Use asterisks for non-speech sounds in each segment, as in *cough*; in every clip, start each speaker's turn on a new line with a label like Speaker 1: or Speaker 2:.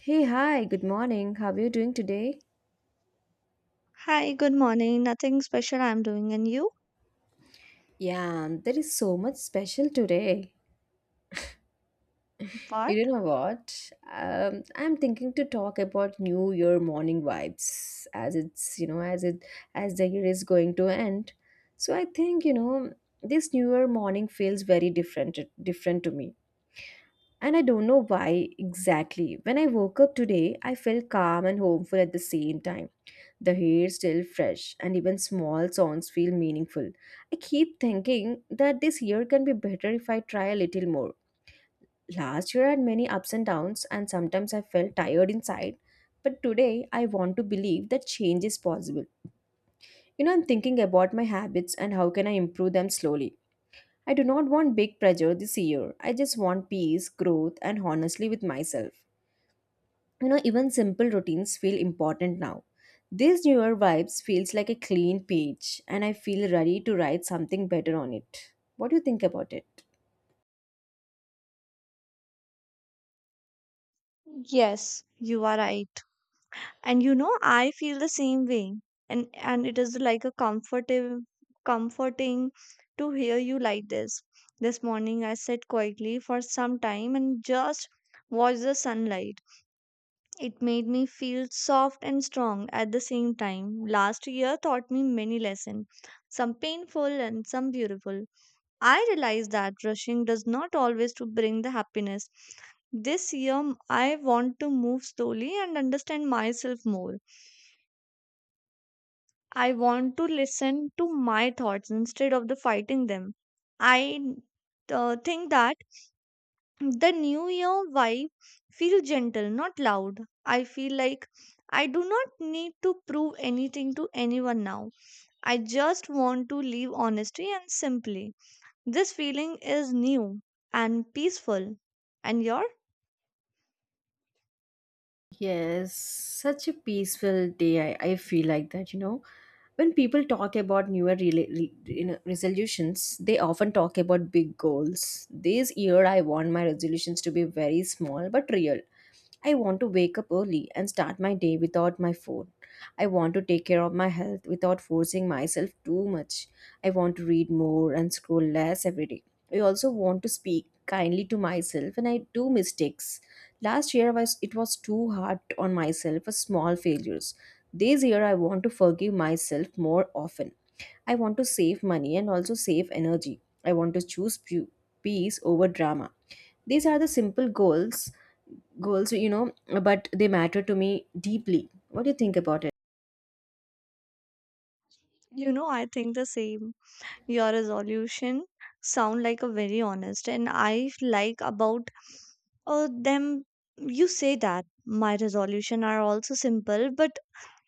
Speaker 1: Hey, hi, good morning. How are you doing today?
Speaker 2: Hi, good morning. Nothing special I'm doing, and you?
Speaker 1: Yeah, there is so much special today. You
Speaker 2: What?
Speaker 1: know what? I'm thinking to talk about New Year morning vibes as it as the year is going to end. So I think, this New Year morning feels very different to me. And I don't know why exactly. When I woke up today, I felt calm and hopeful at the same time. The hair still fresh, and even small songs feel meaningful. I keep thinking that this year can be better if I try a little more. Last year I had many ups and downs, and sometimes I felt tired inside, but today I want to believe that change is possible. You know, I'm thinking about my habits and how can I improve them slowly. I do not want big pressure this year. I just want peace, growth, and honestly with myself. You know, even simple routines feel important now. This newer vibes feels like a clean page and I feel ready to write something better on it. What do you think about it?
Speaker 2: Yes, you are right. And you know, I feel the same way. And it is like a comforting to hear you like this. This morning I sat quietly for some time and just watched the sunlight. It made me feel soft and strong at the same time. Last year taught me many lessons, some painful and some beautiful. I realize that rushing does not always to bring the happiness. This year I want to move slowly and understand myself more. I want to listen to my thoughts instead of the fighting them. I think that the new year vibe feel gentle, not loud. I feel like I do not need to prove anything to anyone now. I just want to live honestly and simply. This feeling is new and peaceful. And your,
Speaker 1: Yes, such a peaceful day. I feel like that. When people talk about newer rela- re- you know, resolutions, they often talk about big goals. This year, I want my resolutions to be very small but real. I want to wake up early and start my day without my phone. I want to take care of my health without forcing myself too much. I want to read more and scroll less every day. I also want to speak kindly to myself and I do mistakes. Last year was it was too hard on myself for small failures. This year I want to forgive myself more often. I want to save money and also save energy. I want to choose peace over drama. These are the simple goals, but they matter to me deeply. What do you think about it?
Speaker 2: you know, I think the same. Your resolution sound like a very honest, and I like about them. You say that my resolution are also simple but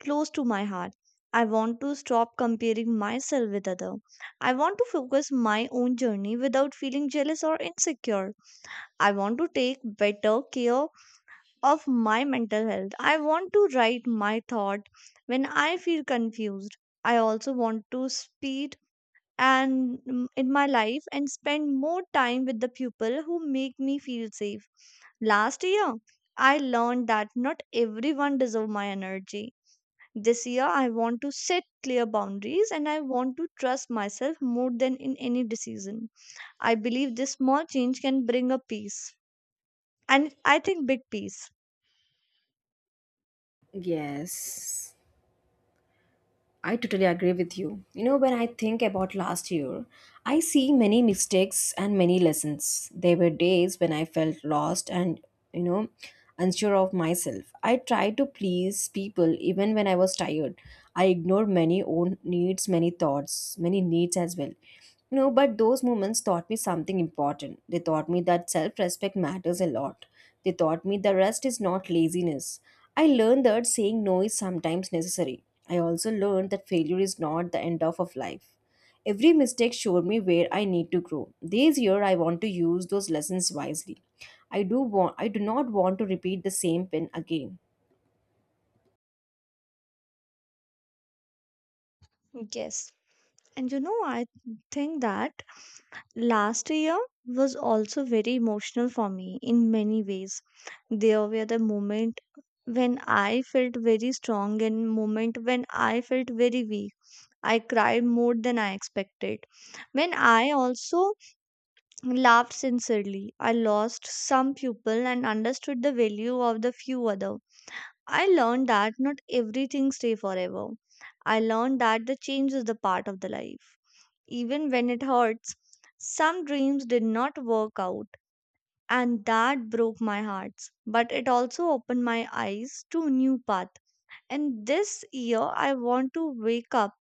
Speaker 2: close to my heart. I want to stop comparing myself with other. I want to focus my own journey without feeling jealous or insecure. I want to take better care of my mental health. I want to write my thought when I feel confused. I also want to speed and in my life and spend more time with the people who make me feel safe. Last year, I learned that not everyone deserve my energy. This year, I want to set clear boundaries and I want to trust myself more than in any decision. I believe this small change can bring a peace and I think big peace.
Speaker 1: Yes. I totally agree with you. You know, when I think about last year, I see many mistakes and many lessons. There were days when I felt lost and, you know, unsure of myself. I tried to please people even when I was tired. I ignored many own needs, many thoughts, many needs as well. You know, but those moments taught me something important. They taught me that self respect matters a lot. They taught me the rest is not laziness. I learned that saying no is sometimes necessary. I also learned that failure is not the end of life. Every mistake showed me where I need to grow. This year I want to use those lessons wisely. I do not want to repeat the same pin again.
Speaker 2: Yes. And you know, I think that last year was also very emotional for me in many ways. There were the moment when I felt very strong and moment when I felt very weak. I cried more than I expected. When I also laughed sincerely, I lost some people and understood the value of the few other. I learned that not everything stays forever. I learned that the change is the part of the life even when it hurts. Some dreams did not work out, and that broke my heart. But it also opened my eyes to new path. And this year, I want to wake up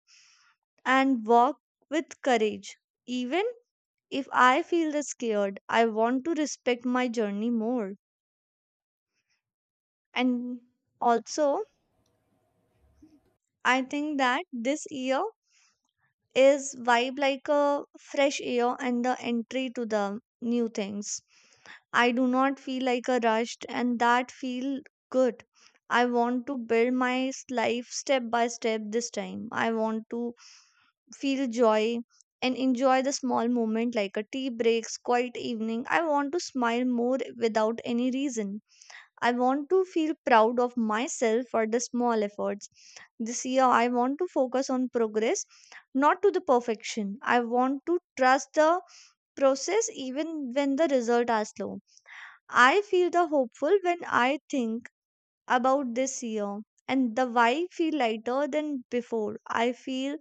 Speaker 2: and walk with courage. Even if I feel scared, I want to respect my journey more. And also, I think that this year is vibe like a fresh air and the entry to the new things. I do not feel like a rushed and that feel good. I want to build my life step by step this time. I want to feel joy and enjoy the small moment like a tea breaks, quiet evening. I want to smile more without any reason. I want to feel proud of myself for the small efforts. This year, I want to focus on progress, not to the perfection. I want to trust the process even when the results are slow. I feel the hopeful when I think about this year and the why feel lighter than before. I feel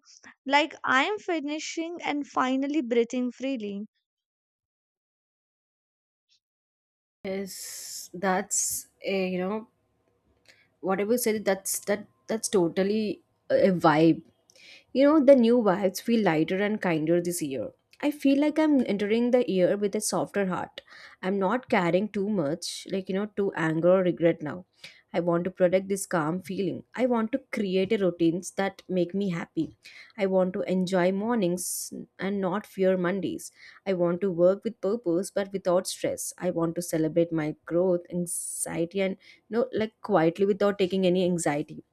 Speaker 2: like I am finishing and finally breathing freely.
Speaker 1: Yes, that's a, you know whatever you said. That's that. That's totally a vibe. You know, the new vibes feel lighter and kinder this year. I feel like I'm entering the year with a softer heart. I'm not carrying too much, to anger or regret now. I want to protect this calm feeling. I want to create a routines that make me happy. I want to enjoy mornings and not fear Mondays. I want to work with purpose but without stress. I want to celebrate my growth, anxiety and quietly without taking any anxiety.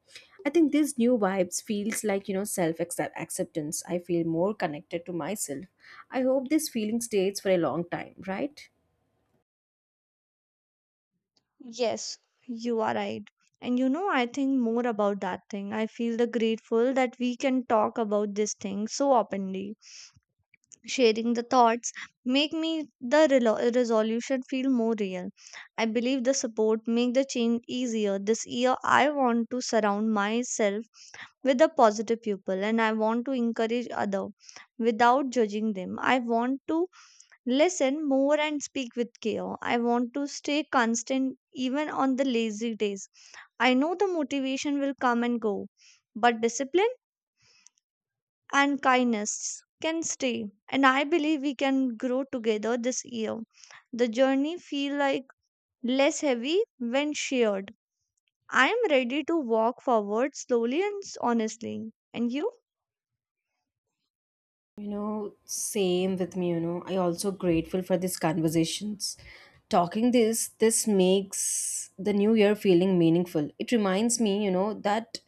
Speaker 1: I think this new vibes feels like self acceptance. I feel more connected to myself. I hope this feeling stays for a long time, right?
Speaker 2: Yes, you are right. And you know, I think more about that thing. I feel the grateful that we can talk about this thing so openly. Sharing the thoughts make me the resolution feel more real. I believe the support make the change easier. This year, I want to surround myself with the positive people, and I want to encourage other without judging them. I want to listen more and speak with care. I want to stay constant even on the lazy days. I know the motivation will come and go, but discipline and kindness can stay. And I believe we can grow together this year. The journey feel like less heavy when shared. I am ready to walk forward slowly and honestly. And you?
Speaker 1: You know, same with me. I also grateful for these conversations. Talking this makes the new year feeling meaningful. It reminds me that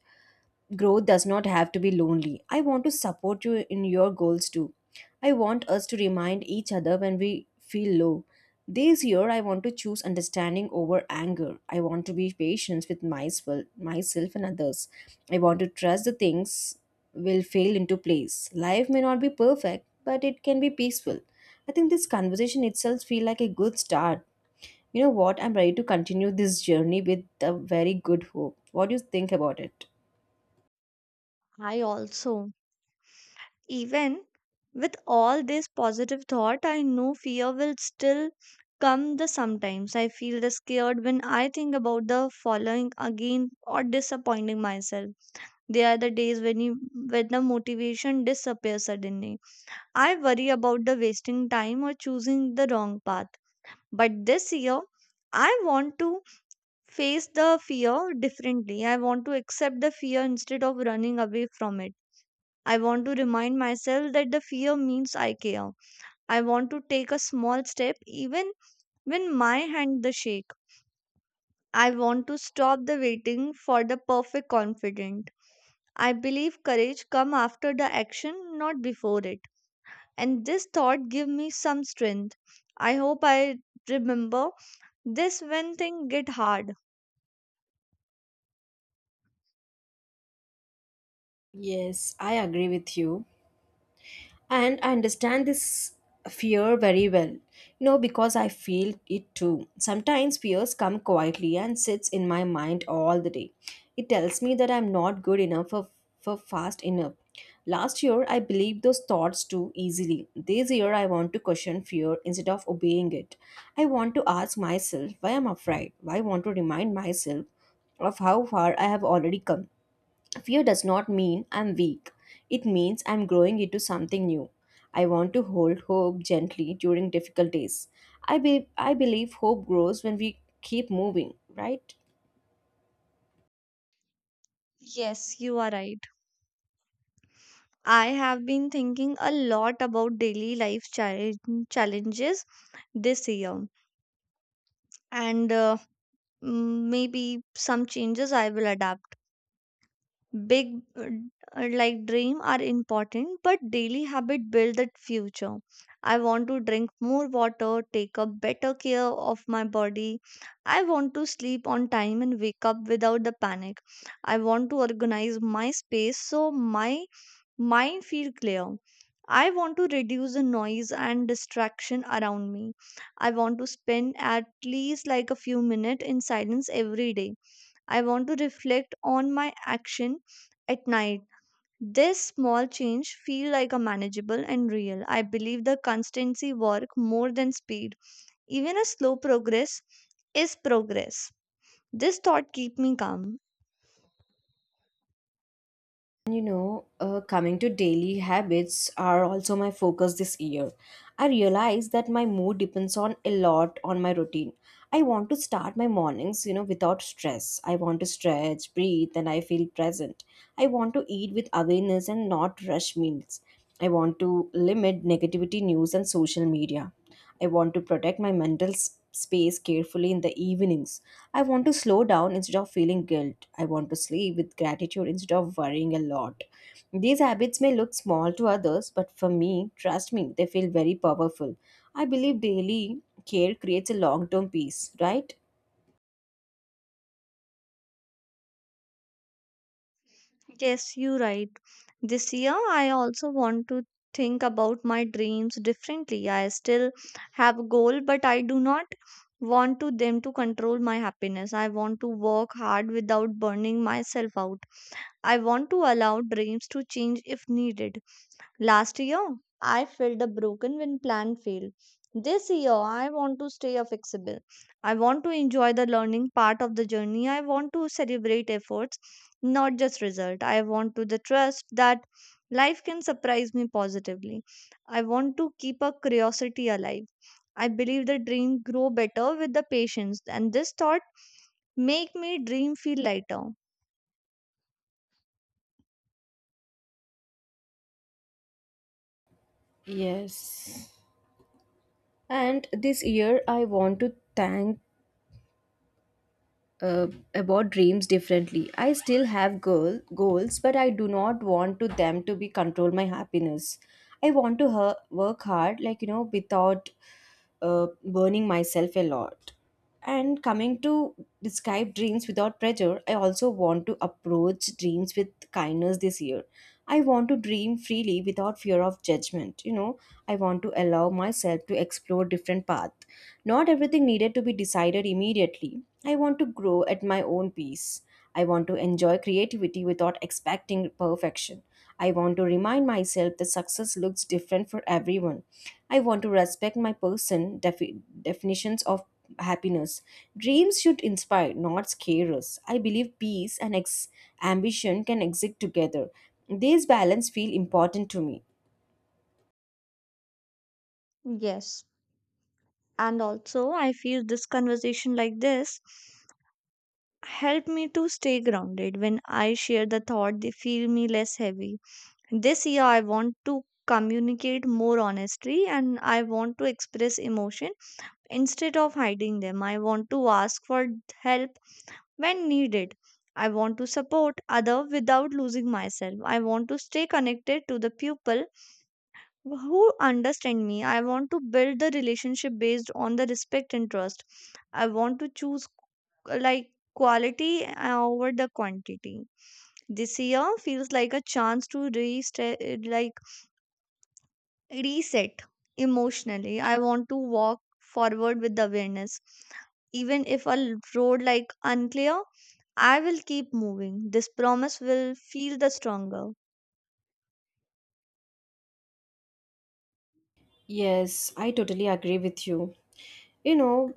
Speaker 1: growth does not have to be lonely. I want to support you in your goals too. I want us to remind each other when we feel low. This year, I want to choose understanding over anger. I want to be patient with myself, myself and others. I want to trust the things will fail into place. Life may not be perfect, but it can be peaceful. I think this conversation itself feel like a good start. You know what? I'm ready to continue this journey with a very good hope. What do you think about it?
Speaker 2: I also. Even with all this positive thought, I know fear will still come the sometimes. I feel the scared when I think about the following again or disappointing myself. They are the days when you when the motivation disappears suddenly. I worry about the wasting time or choosing the wrong path. But this year I want to face the fear differently. I want to accept the fear instead of running away from it. I want to remind myself that the fear means I care. I want to take a small step even when my hand the shake. I want to stop the waiting for the perfect confident. I believe courage come after the action, not before it. And this thought give me some strength. I hope I remember this when things get hard.
Speaker 1: Yes, I agree with you. And I understand this fear very well. You know, because I feel it too. Sometimes fears come quietly and sits in my mind all the day. It tells me that I'm not good enough for fast enough. Last year I believed those thoughts too easily. This year I want to question fear instead of obeying it. I want to ask myself why I'm afraid. Why I want to remind myself of how far I have already come. Fear does not mean I'm weak. It means I'm growing into something new. I want to hold hope gently during difficult days. I believe hope grows when we keep moving, right?
Speaker 2: Yes, you are right. I have been thinking a lot about daily life challenges this year. And maybe some changes I will adapt. Big like dream are important, but daily habit build the future. I want to drink more water, take up better care of my body. I want to sleep on time and wake up without the panic. I want to organize my space so my mine feel clear. I want to reduce the noise and distraction around me. I want to spend at least like a few minutes in silence every day. I want to reflect on my action at night. This small change feel like a manageable and real. I believe the constancy work more than speed. Even a slow progress is progress. This thought keep me calm.
Speaker 1: And coming to daily habits are also my focus this year. I realize that my mood depends on a lot on my routine. I want to start my mornings without stress. I want to stretch, breathe, and I feel present. I want to eat with awareness and not rush meals. I want to limit negativity news and social media. I want to protect my space carefully in the evenings. I want to slow down instead of feeling guilt. I want to sleep with gratitude instead of worrying a lot. These habits may look small to others, but for me, trust me, they feel very powerful. I believe daily care creates a long term peace, right?
Speaker 2: Yes, you're right. This year, I also want to think about my dreams differently. I still have a goal, but I do not want to them to control my happiness. I want to work hard without burning myself out. I want to allow dreams to change if needed. Last year, I felt a broken when plan failed. This year, I want to stay flexible. I want to enjoy the learning part of the journey. I want to celebrate efforts, not just result. I want to the trust that life can surprise me positively. I want to keep a curiosity alive. I believe the dream grow better with the patience, and this thought make me dream feel lighter.
Speaker 1: Yes. And this year, I want to thank uh, about dreams differently. I still have goals, but I do not want to them to be control my happiness. I want to work hard, without burning myself a lot. And coming to describe dreams without pressure, I also want to approach dreams with kindness this year. I want to dream freely without fear of judgment. You know, I want to allow myself to explore different paths. Not everything needed to be decided immediately. I want to grow at my own pace. I want to enjoy creativity without expecting perfection. I want to remind myself that success looks different for everyone. I want to respect my person definitions of happiness. Dreams should inspire, not scare us. I believe peace and ambition can exist together. These balance feel important to me.
Speaker 2: Yes, and also I feel this conversation like this. Help me to stay grounded when I share the thought, they feel me less heavy. This year, I want to communicate more honestly and I want to express emotion instead of hiding them. I want to ask for help when needed. I want to support other without losing myself. I want to stay connected to the people who understand me. I want to build the relationship based on the respect and trust. I want to choose like quality over the quantity. This year feels like a chance to reset, like reset emotionally. I want to walk forward with the awareness even if a road like unclear. I will keep moving. This promise will feel the stronger.
Speaker 1: Yes, I totally agree with you. You know,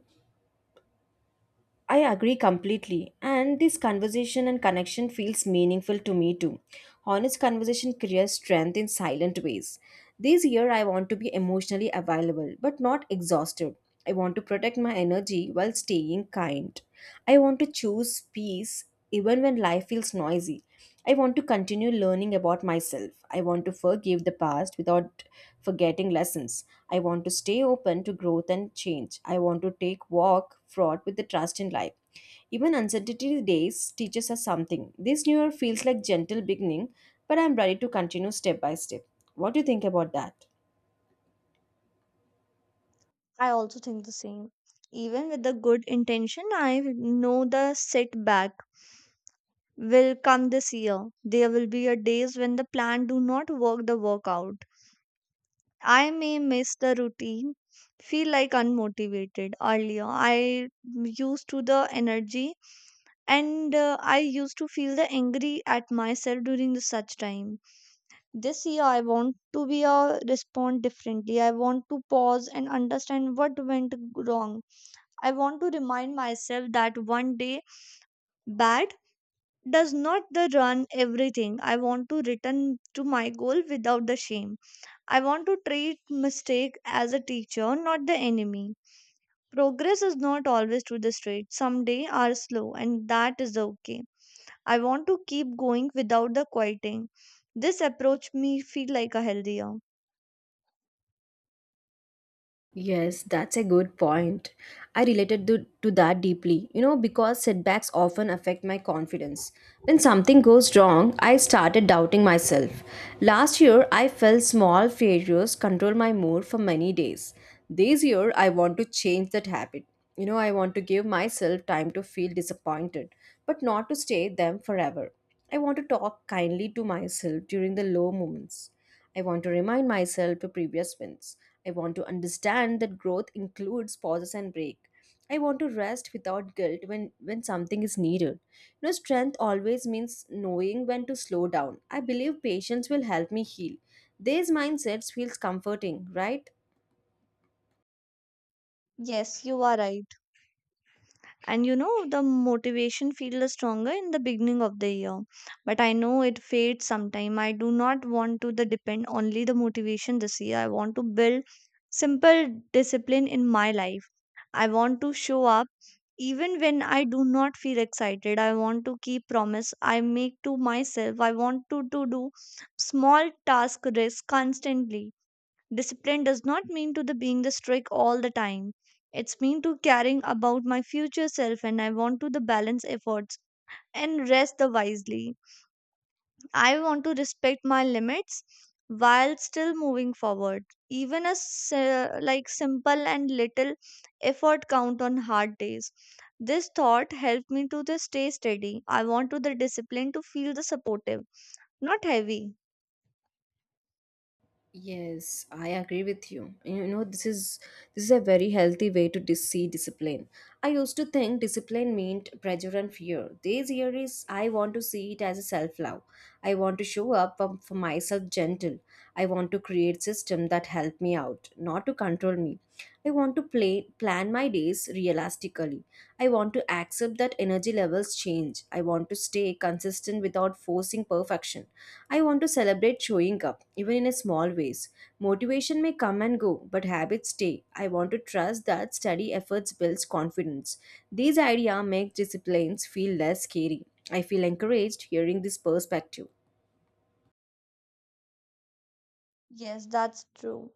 Speaker 1: I agree completely, and this conversation and connection feels meaningful to me too. Honest conversation creates strength in silent ways. This year, I want to be emotionally available but not exhausted. I want to protect my energy while staying kind. I want to choose peace even when life feels noisy. I want to continue learning about myself. I want to forgive the past without forgetting lessons. I want to stay open to growth and change. I want to take walk fraught with the trust in life. Even uncertainty days teaches us something. This new year feels like gentle beginning, but I'm ready to continue step by step. What do you think about that?
Speaker 2: I also think the same. Even with the good intention, I know the setback will come this year. There will be a days when the plan do not work the workout. I may miss the routine, feel like unmotivated earlier. I used to the energy and I used to feel the angry at myself during the such time. This year I want to be a respond differently. I want to pause and understand what went wrong. I want to remind myself that one day bad does not the run everything. I want to return to my goal without the shame. I want to treat mistake as a teacher, not the enemy. Progress is not always to the straight. Some days are slow and that is okay. I want to keep going without the quieting. This approach me feel like a healthier.
Speaker 1: Yes, that's a good point. I related to that deeply, you know, because setbacks often affect my confidence. When something goes wrong, I started doubting myself. Last year, I felt small failures control my mood for many days. This year, I want to change that habit. You know, I want to give myself time to feel disappointed, but not to stay them forever. I want to talk kindly to myself during the low moments. I want to remind myself to previous wins. I want to understand that growth includes pauses and break. I want to rest without guilt when something is needed. You know, strength always means knowing when to slow down. I believe patience will help me heal. These mindsets feels comforting, right?
Speaker 2: Yes, you are right. And you know, the motivation feels stronger in the beginning of the year, but I know it fades sometime. I do not want to the depend only the motivation. This year I want to build simple discipline in my life. I want to show up even when I do not feel excited. I want to keep promise I make to myself. I want to do small task risk constantly. Discipline does not mean to the being the strict all the time. It's mean to caring about my future self and I want to the balance efforts and rest the wisely. I want to respect my limits while still moving forward. Even a like simple and little effort count on hard days. This thought helped me to the stay steady. I want to the discipline to feel the supportive, not heavy.
Speaker 1: Yes, I agree with you. You know, this is a very healthy way to see discipline. I used to think discipline meant pressure and fear. This year is I want to see it as a self-love. I want to show up for myself gentle. I want to create system that help me out, not to control me. I want to play plan my days realistically. I want to accept that energy levels change. I want to stay consistent without forcing perfection. I want to celebrate showing up even in a small ways. Motivation may come and go, but habits stay. I want to trust that steady efforts builds confidence. These ideas make disciplines feel less scary. I feel encouraged hearing this perspective.
Speaker 2: Yes, that's true.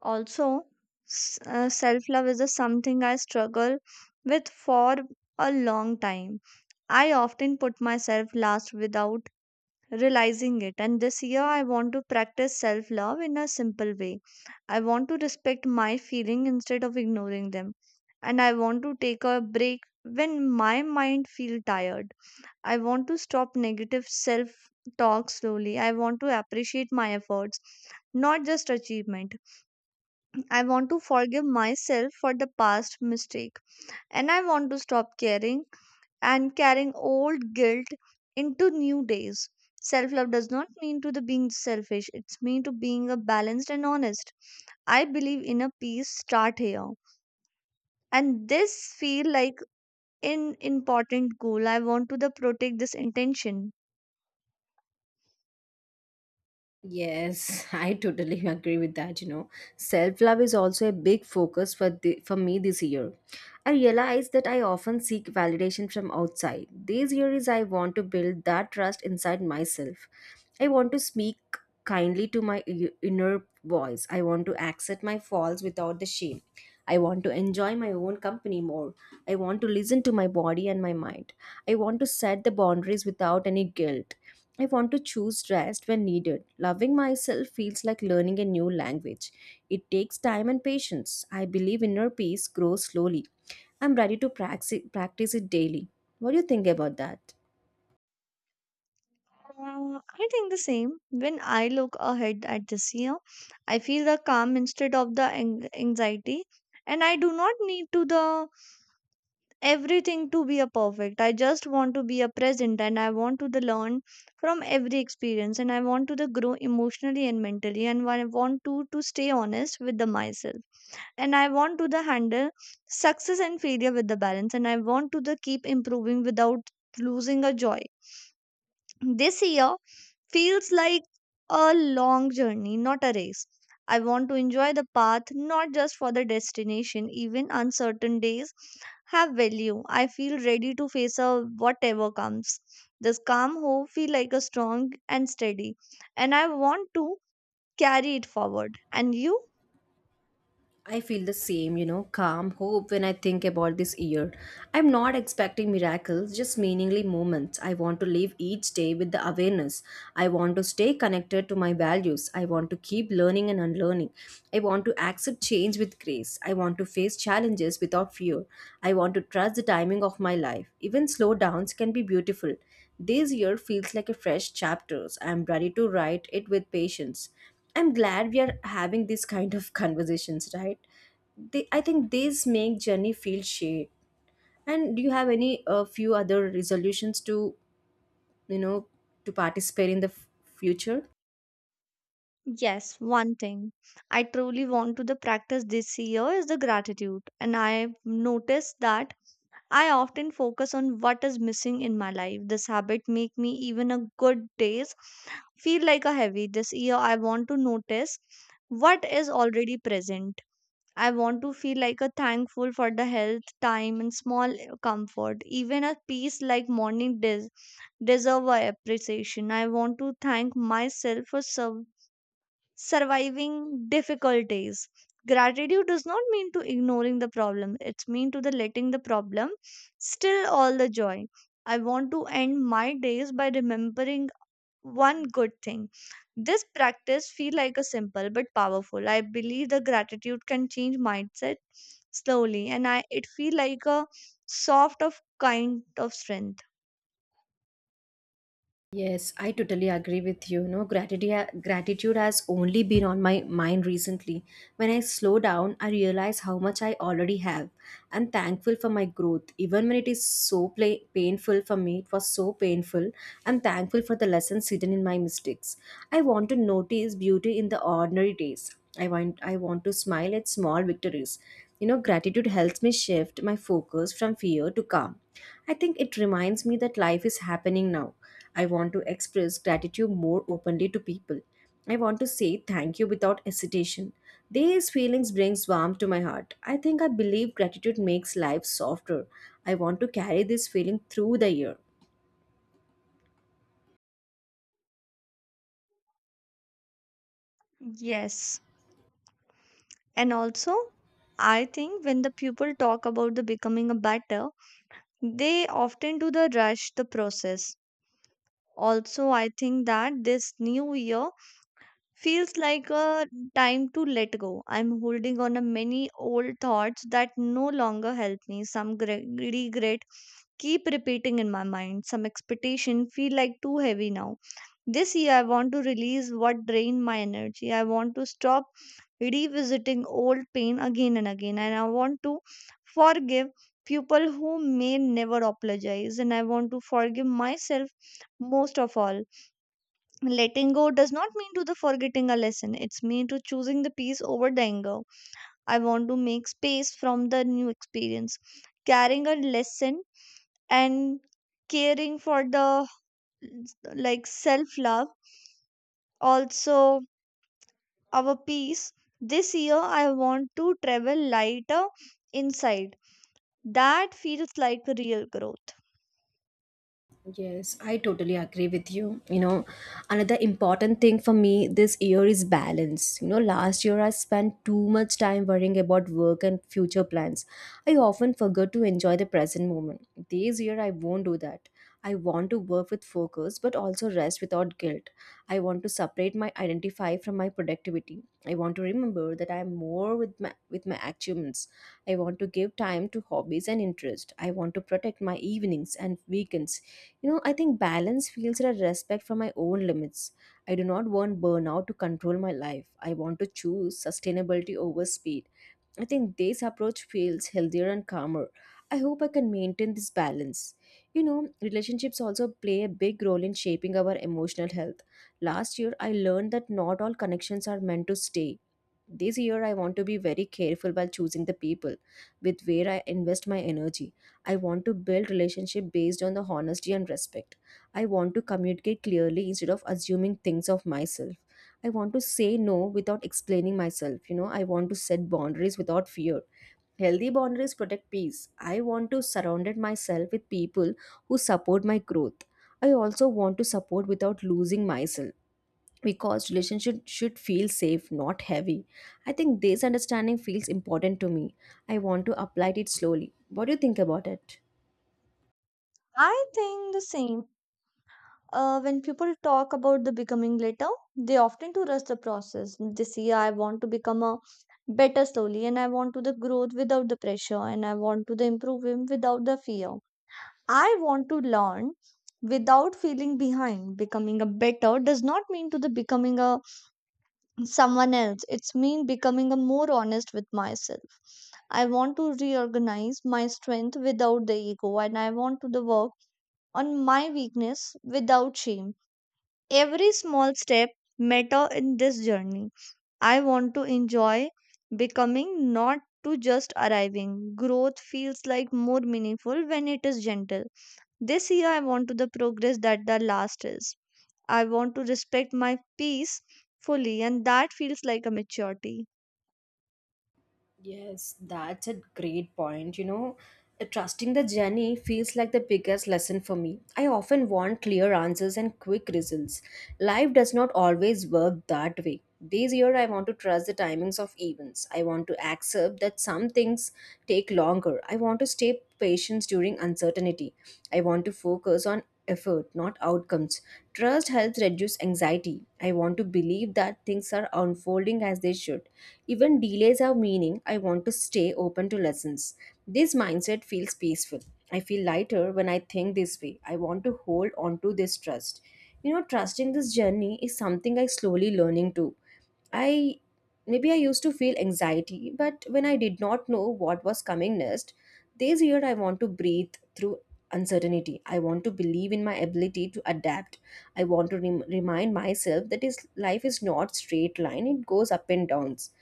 Speaker 2: Also, self love is a something I struggle with for a long time. I often put myself last without realizing it, and this year I want to practice self love in a simple way. I want to respect my feeling instead of ignoring them, and I want to take a break when my mind feel tired. I want to stop negative self talk slowly. I want to appreciate my efforts, not just achievement. I want to forgive myself for the past mistake and I want to stop caring and carrying old guilt into new days. Self love does not mean to the being selfish, it's mean to being a balanced and honest. I believe in a peace start here. And this feel like an important goal. I want to the protect this intention.
Speaker 1: Yes, I totally *laughs* agree with that. Self-love is also a big focus for for me this year. I realize that I often seek validation from outside. This year is I want to build that trust inside myself. I want to speak kindly to my inner voice. I want to accept my faults without the shame. I want to enjoy my own company more. I want to listen to my body and my mind. I want to set the boundaries without any guilt. I want to choose rest when needed. Loving myself feels like learning a new language. It takes time and patience. I believe inner peace grows slowly. I'm ready to practice it daily. What do you think about that?
Speaker 2: I think the same. When I look ahead at this year, I feel the calm instead of the anxiety. And I do not need to the everything to be a perfect. I just want to be a present and I want to the learn from every experience and I want to the grow emotionally and mentally and I want to stay honest with the myself. And I want to the handle success and failure with the balance and I want to the keep improving without losing a joy. This year feels like a long journey, not a race. I want to enjoy the path, not just for the destination. Even uncertain days have value. I feel ready to face a whatever comes. This calm hope feel like a strong and steady, and I want to carry it forward. And you?
Speaker 1: I feel the same, you know, calm hope when I think about this year. I'm not expecting miracles, just meaningly moments. I want to live each day with the awareness. I want to stay connected to my values. I want to keep learning and unlearning. I want to accept change with grace. I want to face challenges without fear. I want to trust the timing of my life. Even slow downs can be beautiful. This year feels like a fresh chapter. I'm ready to write it with patience. I'm glad we are having these kind of conversations, right? They, I think these make journey feel shared. And do you have any few other resolutions to, you know, to participate in the future?
Speaker 2: Yes, one thing I truly want to the practice this year is the gratitude, and I noticed that I often focus on what is missing in my life. This habit make me even a good days feel like a heavy. This year I want to notice what is already present. I want to feel like a thankful for the health, time and small comfort. Even a peace like morning deserve a appreciation. I want to thank myself for surviving difficulties. Gratitude does not mean to ignoring the problem, it's mean to the letting the problem still all the joy. I want to end my days by remembering one good thing. This practice feel like a simple but powerful. I believe the gratitude can change mindset slowly, and I it feel like a soft of kind of strength.
Speaker 1: Yes, I totally agree with you. No, gratitude has only been on my mind recently. When I slow down, I realize how much I already have. I'm thankful for my growth, even when it is so painful for me. It was so painful. I'm thankful for the lessons hidden in my mistakes. I want to notice beauty in the ordinary days. I want to smile at small victories. You know, gratitude helps me shift my focus from fear to calm. I think it reminds me that life is happening now. I want to express gratitude more openly to people. I want to say thank you without hesitation. These feelings brings warmth to my heart. I think I believe gratitude makes life softer. I want to carry this feeling through the year.
Speaker 2: Yes, and also I think when the people talk about the becoming a better, they often do the rush the process. Also, I think that this new year feels like a time to let go. I'm holding on to many old thoughts that no longer help me. Some regret keep repeating in my mind. Some expectation feel like too heavy now. This year, I want to release what drained my energy. I want to stop revisiting old pain again and again. And I want to forgive people who may never apologize. And I want to forgive myself most of all. Letting go does not mean to the forgetting a lesson. It's mean to choosing the peace over the anger. I want to make space from the new experience. Carrying a lesson and caring for the like self love also our peace. This year, I want to travel lighter inside. That feels like real growth.
Speaker 1: Yes, I totally agree with you. You know, another important thing for me this year is balance. You know, last year I spent too much time worrying about work and future plans. I often forgot to enjoy the present moment. This year I won't do that. I want to work with focus but also rest without guilt. I want to separate my identify from my productivity. I want to remember that I am more with my achievements. I want to give time to hobbies and interest. I want to protect my evenings and weekends. You know, I think balance feels a respect for my own limits. I do not want burnout to control my life. I want to choose sustainability over speed. I think this approach feels healthier and calmer. I hope I can maintain this balance. You know, relationships also play a big role in shaping our emotional health. Last year, I learned that not all connections are meant to stay. This year, I want to be very careful while choosing the people with where I invest my energy. I want to build relationship based on the honesty and respect. I want to communicate clearly instead of assuming things of myself. I want to say no without explaining myself. You know, I want to set boundaries without fear. Healthy boundaries protect peace. I want to surround myself with people who support my growth. I also want to support without losing myself, because relationship should feel safe not heavy. I think this understanding feels important to me. I want to apply it slowly. What do you think about it?
Speaker 2: I think the same. When people talk about the becoming later, they often to rush the process. This year, I want to become a better slowly, and I want to the growth without the pressure, and I want to the improvement without the fear. I want to learn without feeling behind. Becoming a better does not mean to the becoming a someone else. It's me becoming a more honest with myself. I want to reorganize my strength without the ego and I want to the work on my weakness without shame. Every small step matter in this journey. I want to enjoy becoming not to just arriving. Growth feels like more meaningful when it is gentle. This year I want to the progress that the last is. I want to respect my peace fully and that feels like a maturity.
Speaker 1: Yes, that's a great point. You know, trusting the journey feels like the biggest lesson for me. I often want clear answers and quick results. Life does not always work that way. This year, I want to trust the timings of events. I want to accept that some things take longer. I want to stay patience during uncertainty. I want to focus on effort, not outcomes. Trust helps reduce anxiety. I want to believe that things are unfolding as they should. Even delays have meaning. I want to stay open to lessons. This mindset feels peaceful. I feel lighter when I think this way. I want to hold on to this trust. You know, trusting this journey is something I slowly learning to. I maybe I used to feel anxiety, but when I did not know what was coming next, this year I want to breathe through uncertainty. I want to believe in my ability to adapt. I want to remind myself that is life is not straight line. It goes up and downs.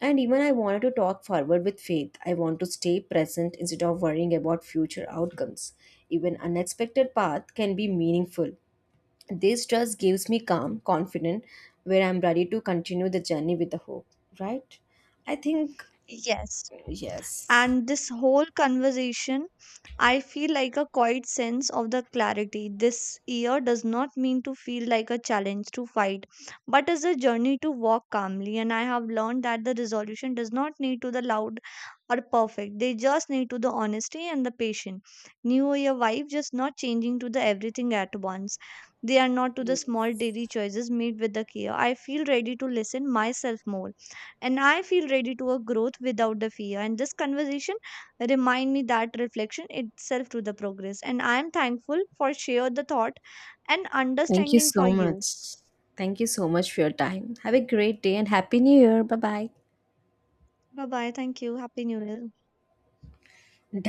Speaker 1: And even I wanted to talk forward with faith. I want to stay present instead of worrying about future outcomes. Even unexpected path can be meaningful. This trust gives me calm, confident, where I'm ready to continue the journey with the hope, right? I think,
Speaker 2: Yes.
Speaker 1: yes.
Speaker 2: And this whole conversation, I feel like a quiet sense of the clarity. This year does not mean to feel like a challenge to fight, but is a journey to walk calmly. And I have learned that the resolution does not need to the loud or perfect. They just need to the honesty and the patience. New year vibe just not changing to the everything at once. They are not to the small
Speaker 1: Yes.
Speaker 2: daily choices made with the care. I feel ready to listen myself more and I feel ready to a growth without the fear and this conversation remind me that reflection itself to the progress and I am thankful for share the thought and
Speaker 1: Thank you
Speaker 2: understanding
Speaker 1: so
Speaker 2: for you.
Speaker 1: much. Thank you so much for your time. Have a great day and Happy New Year. Bye
Speaker 2: Bye bye, thank you, happy new year.
Speaker 1: bye.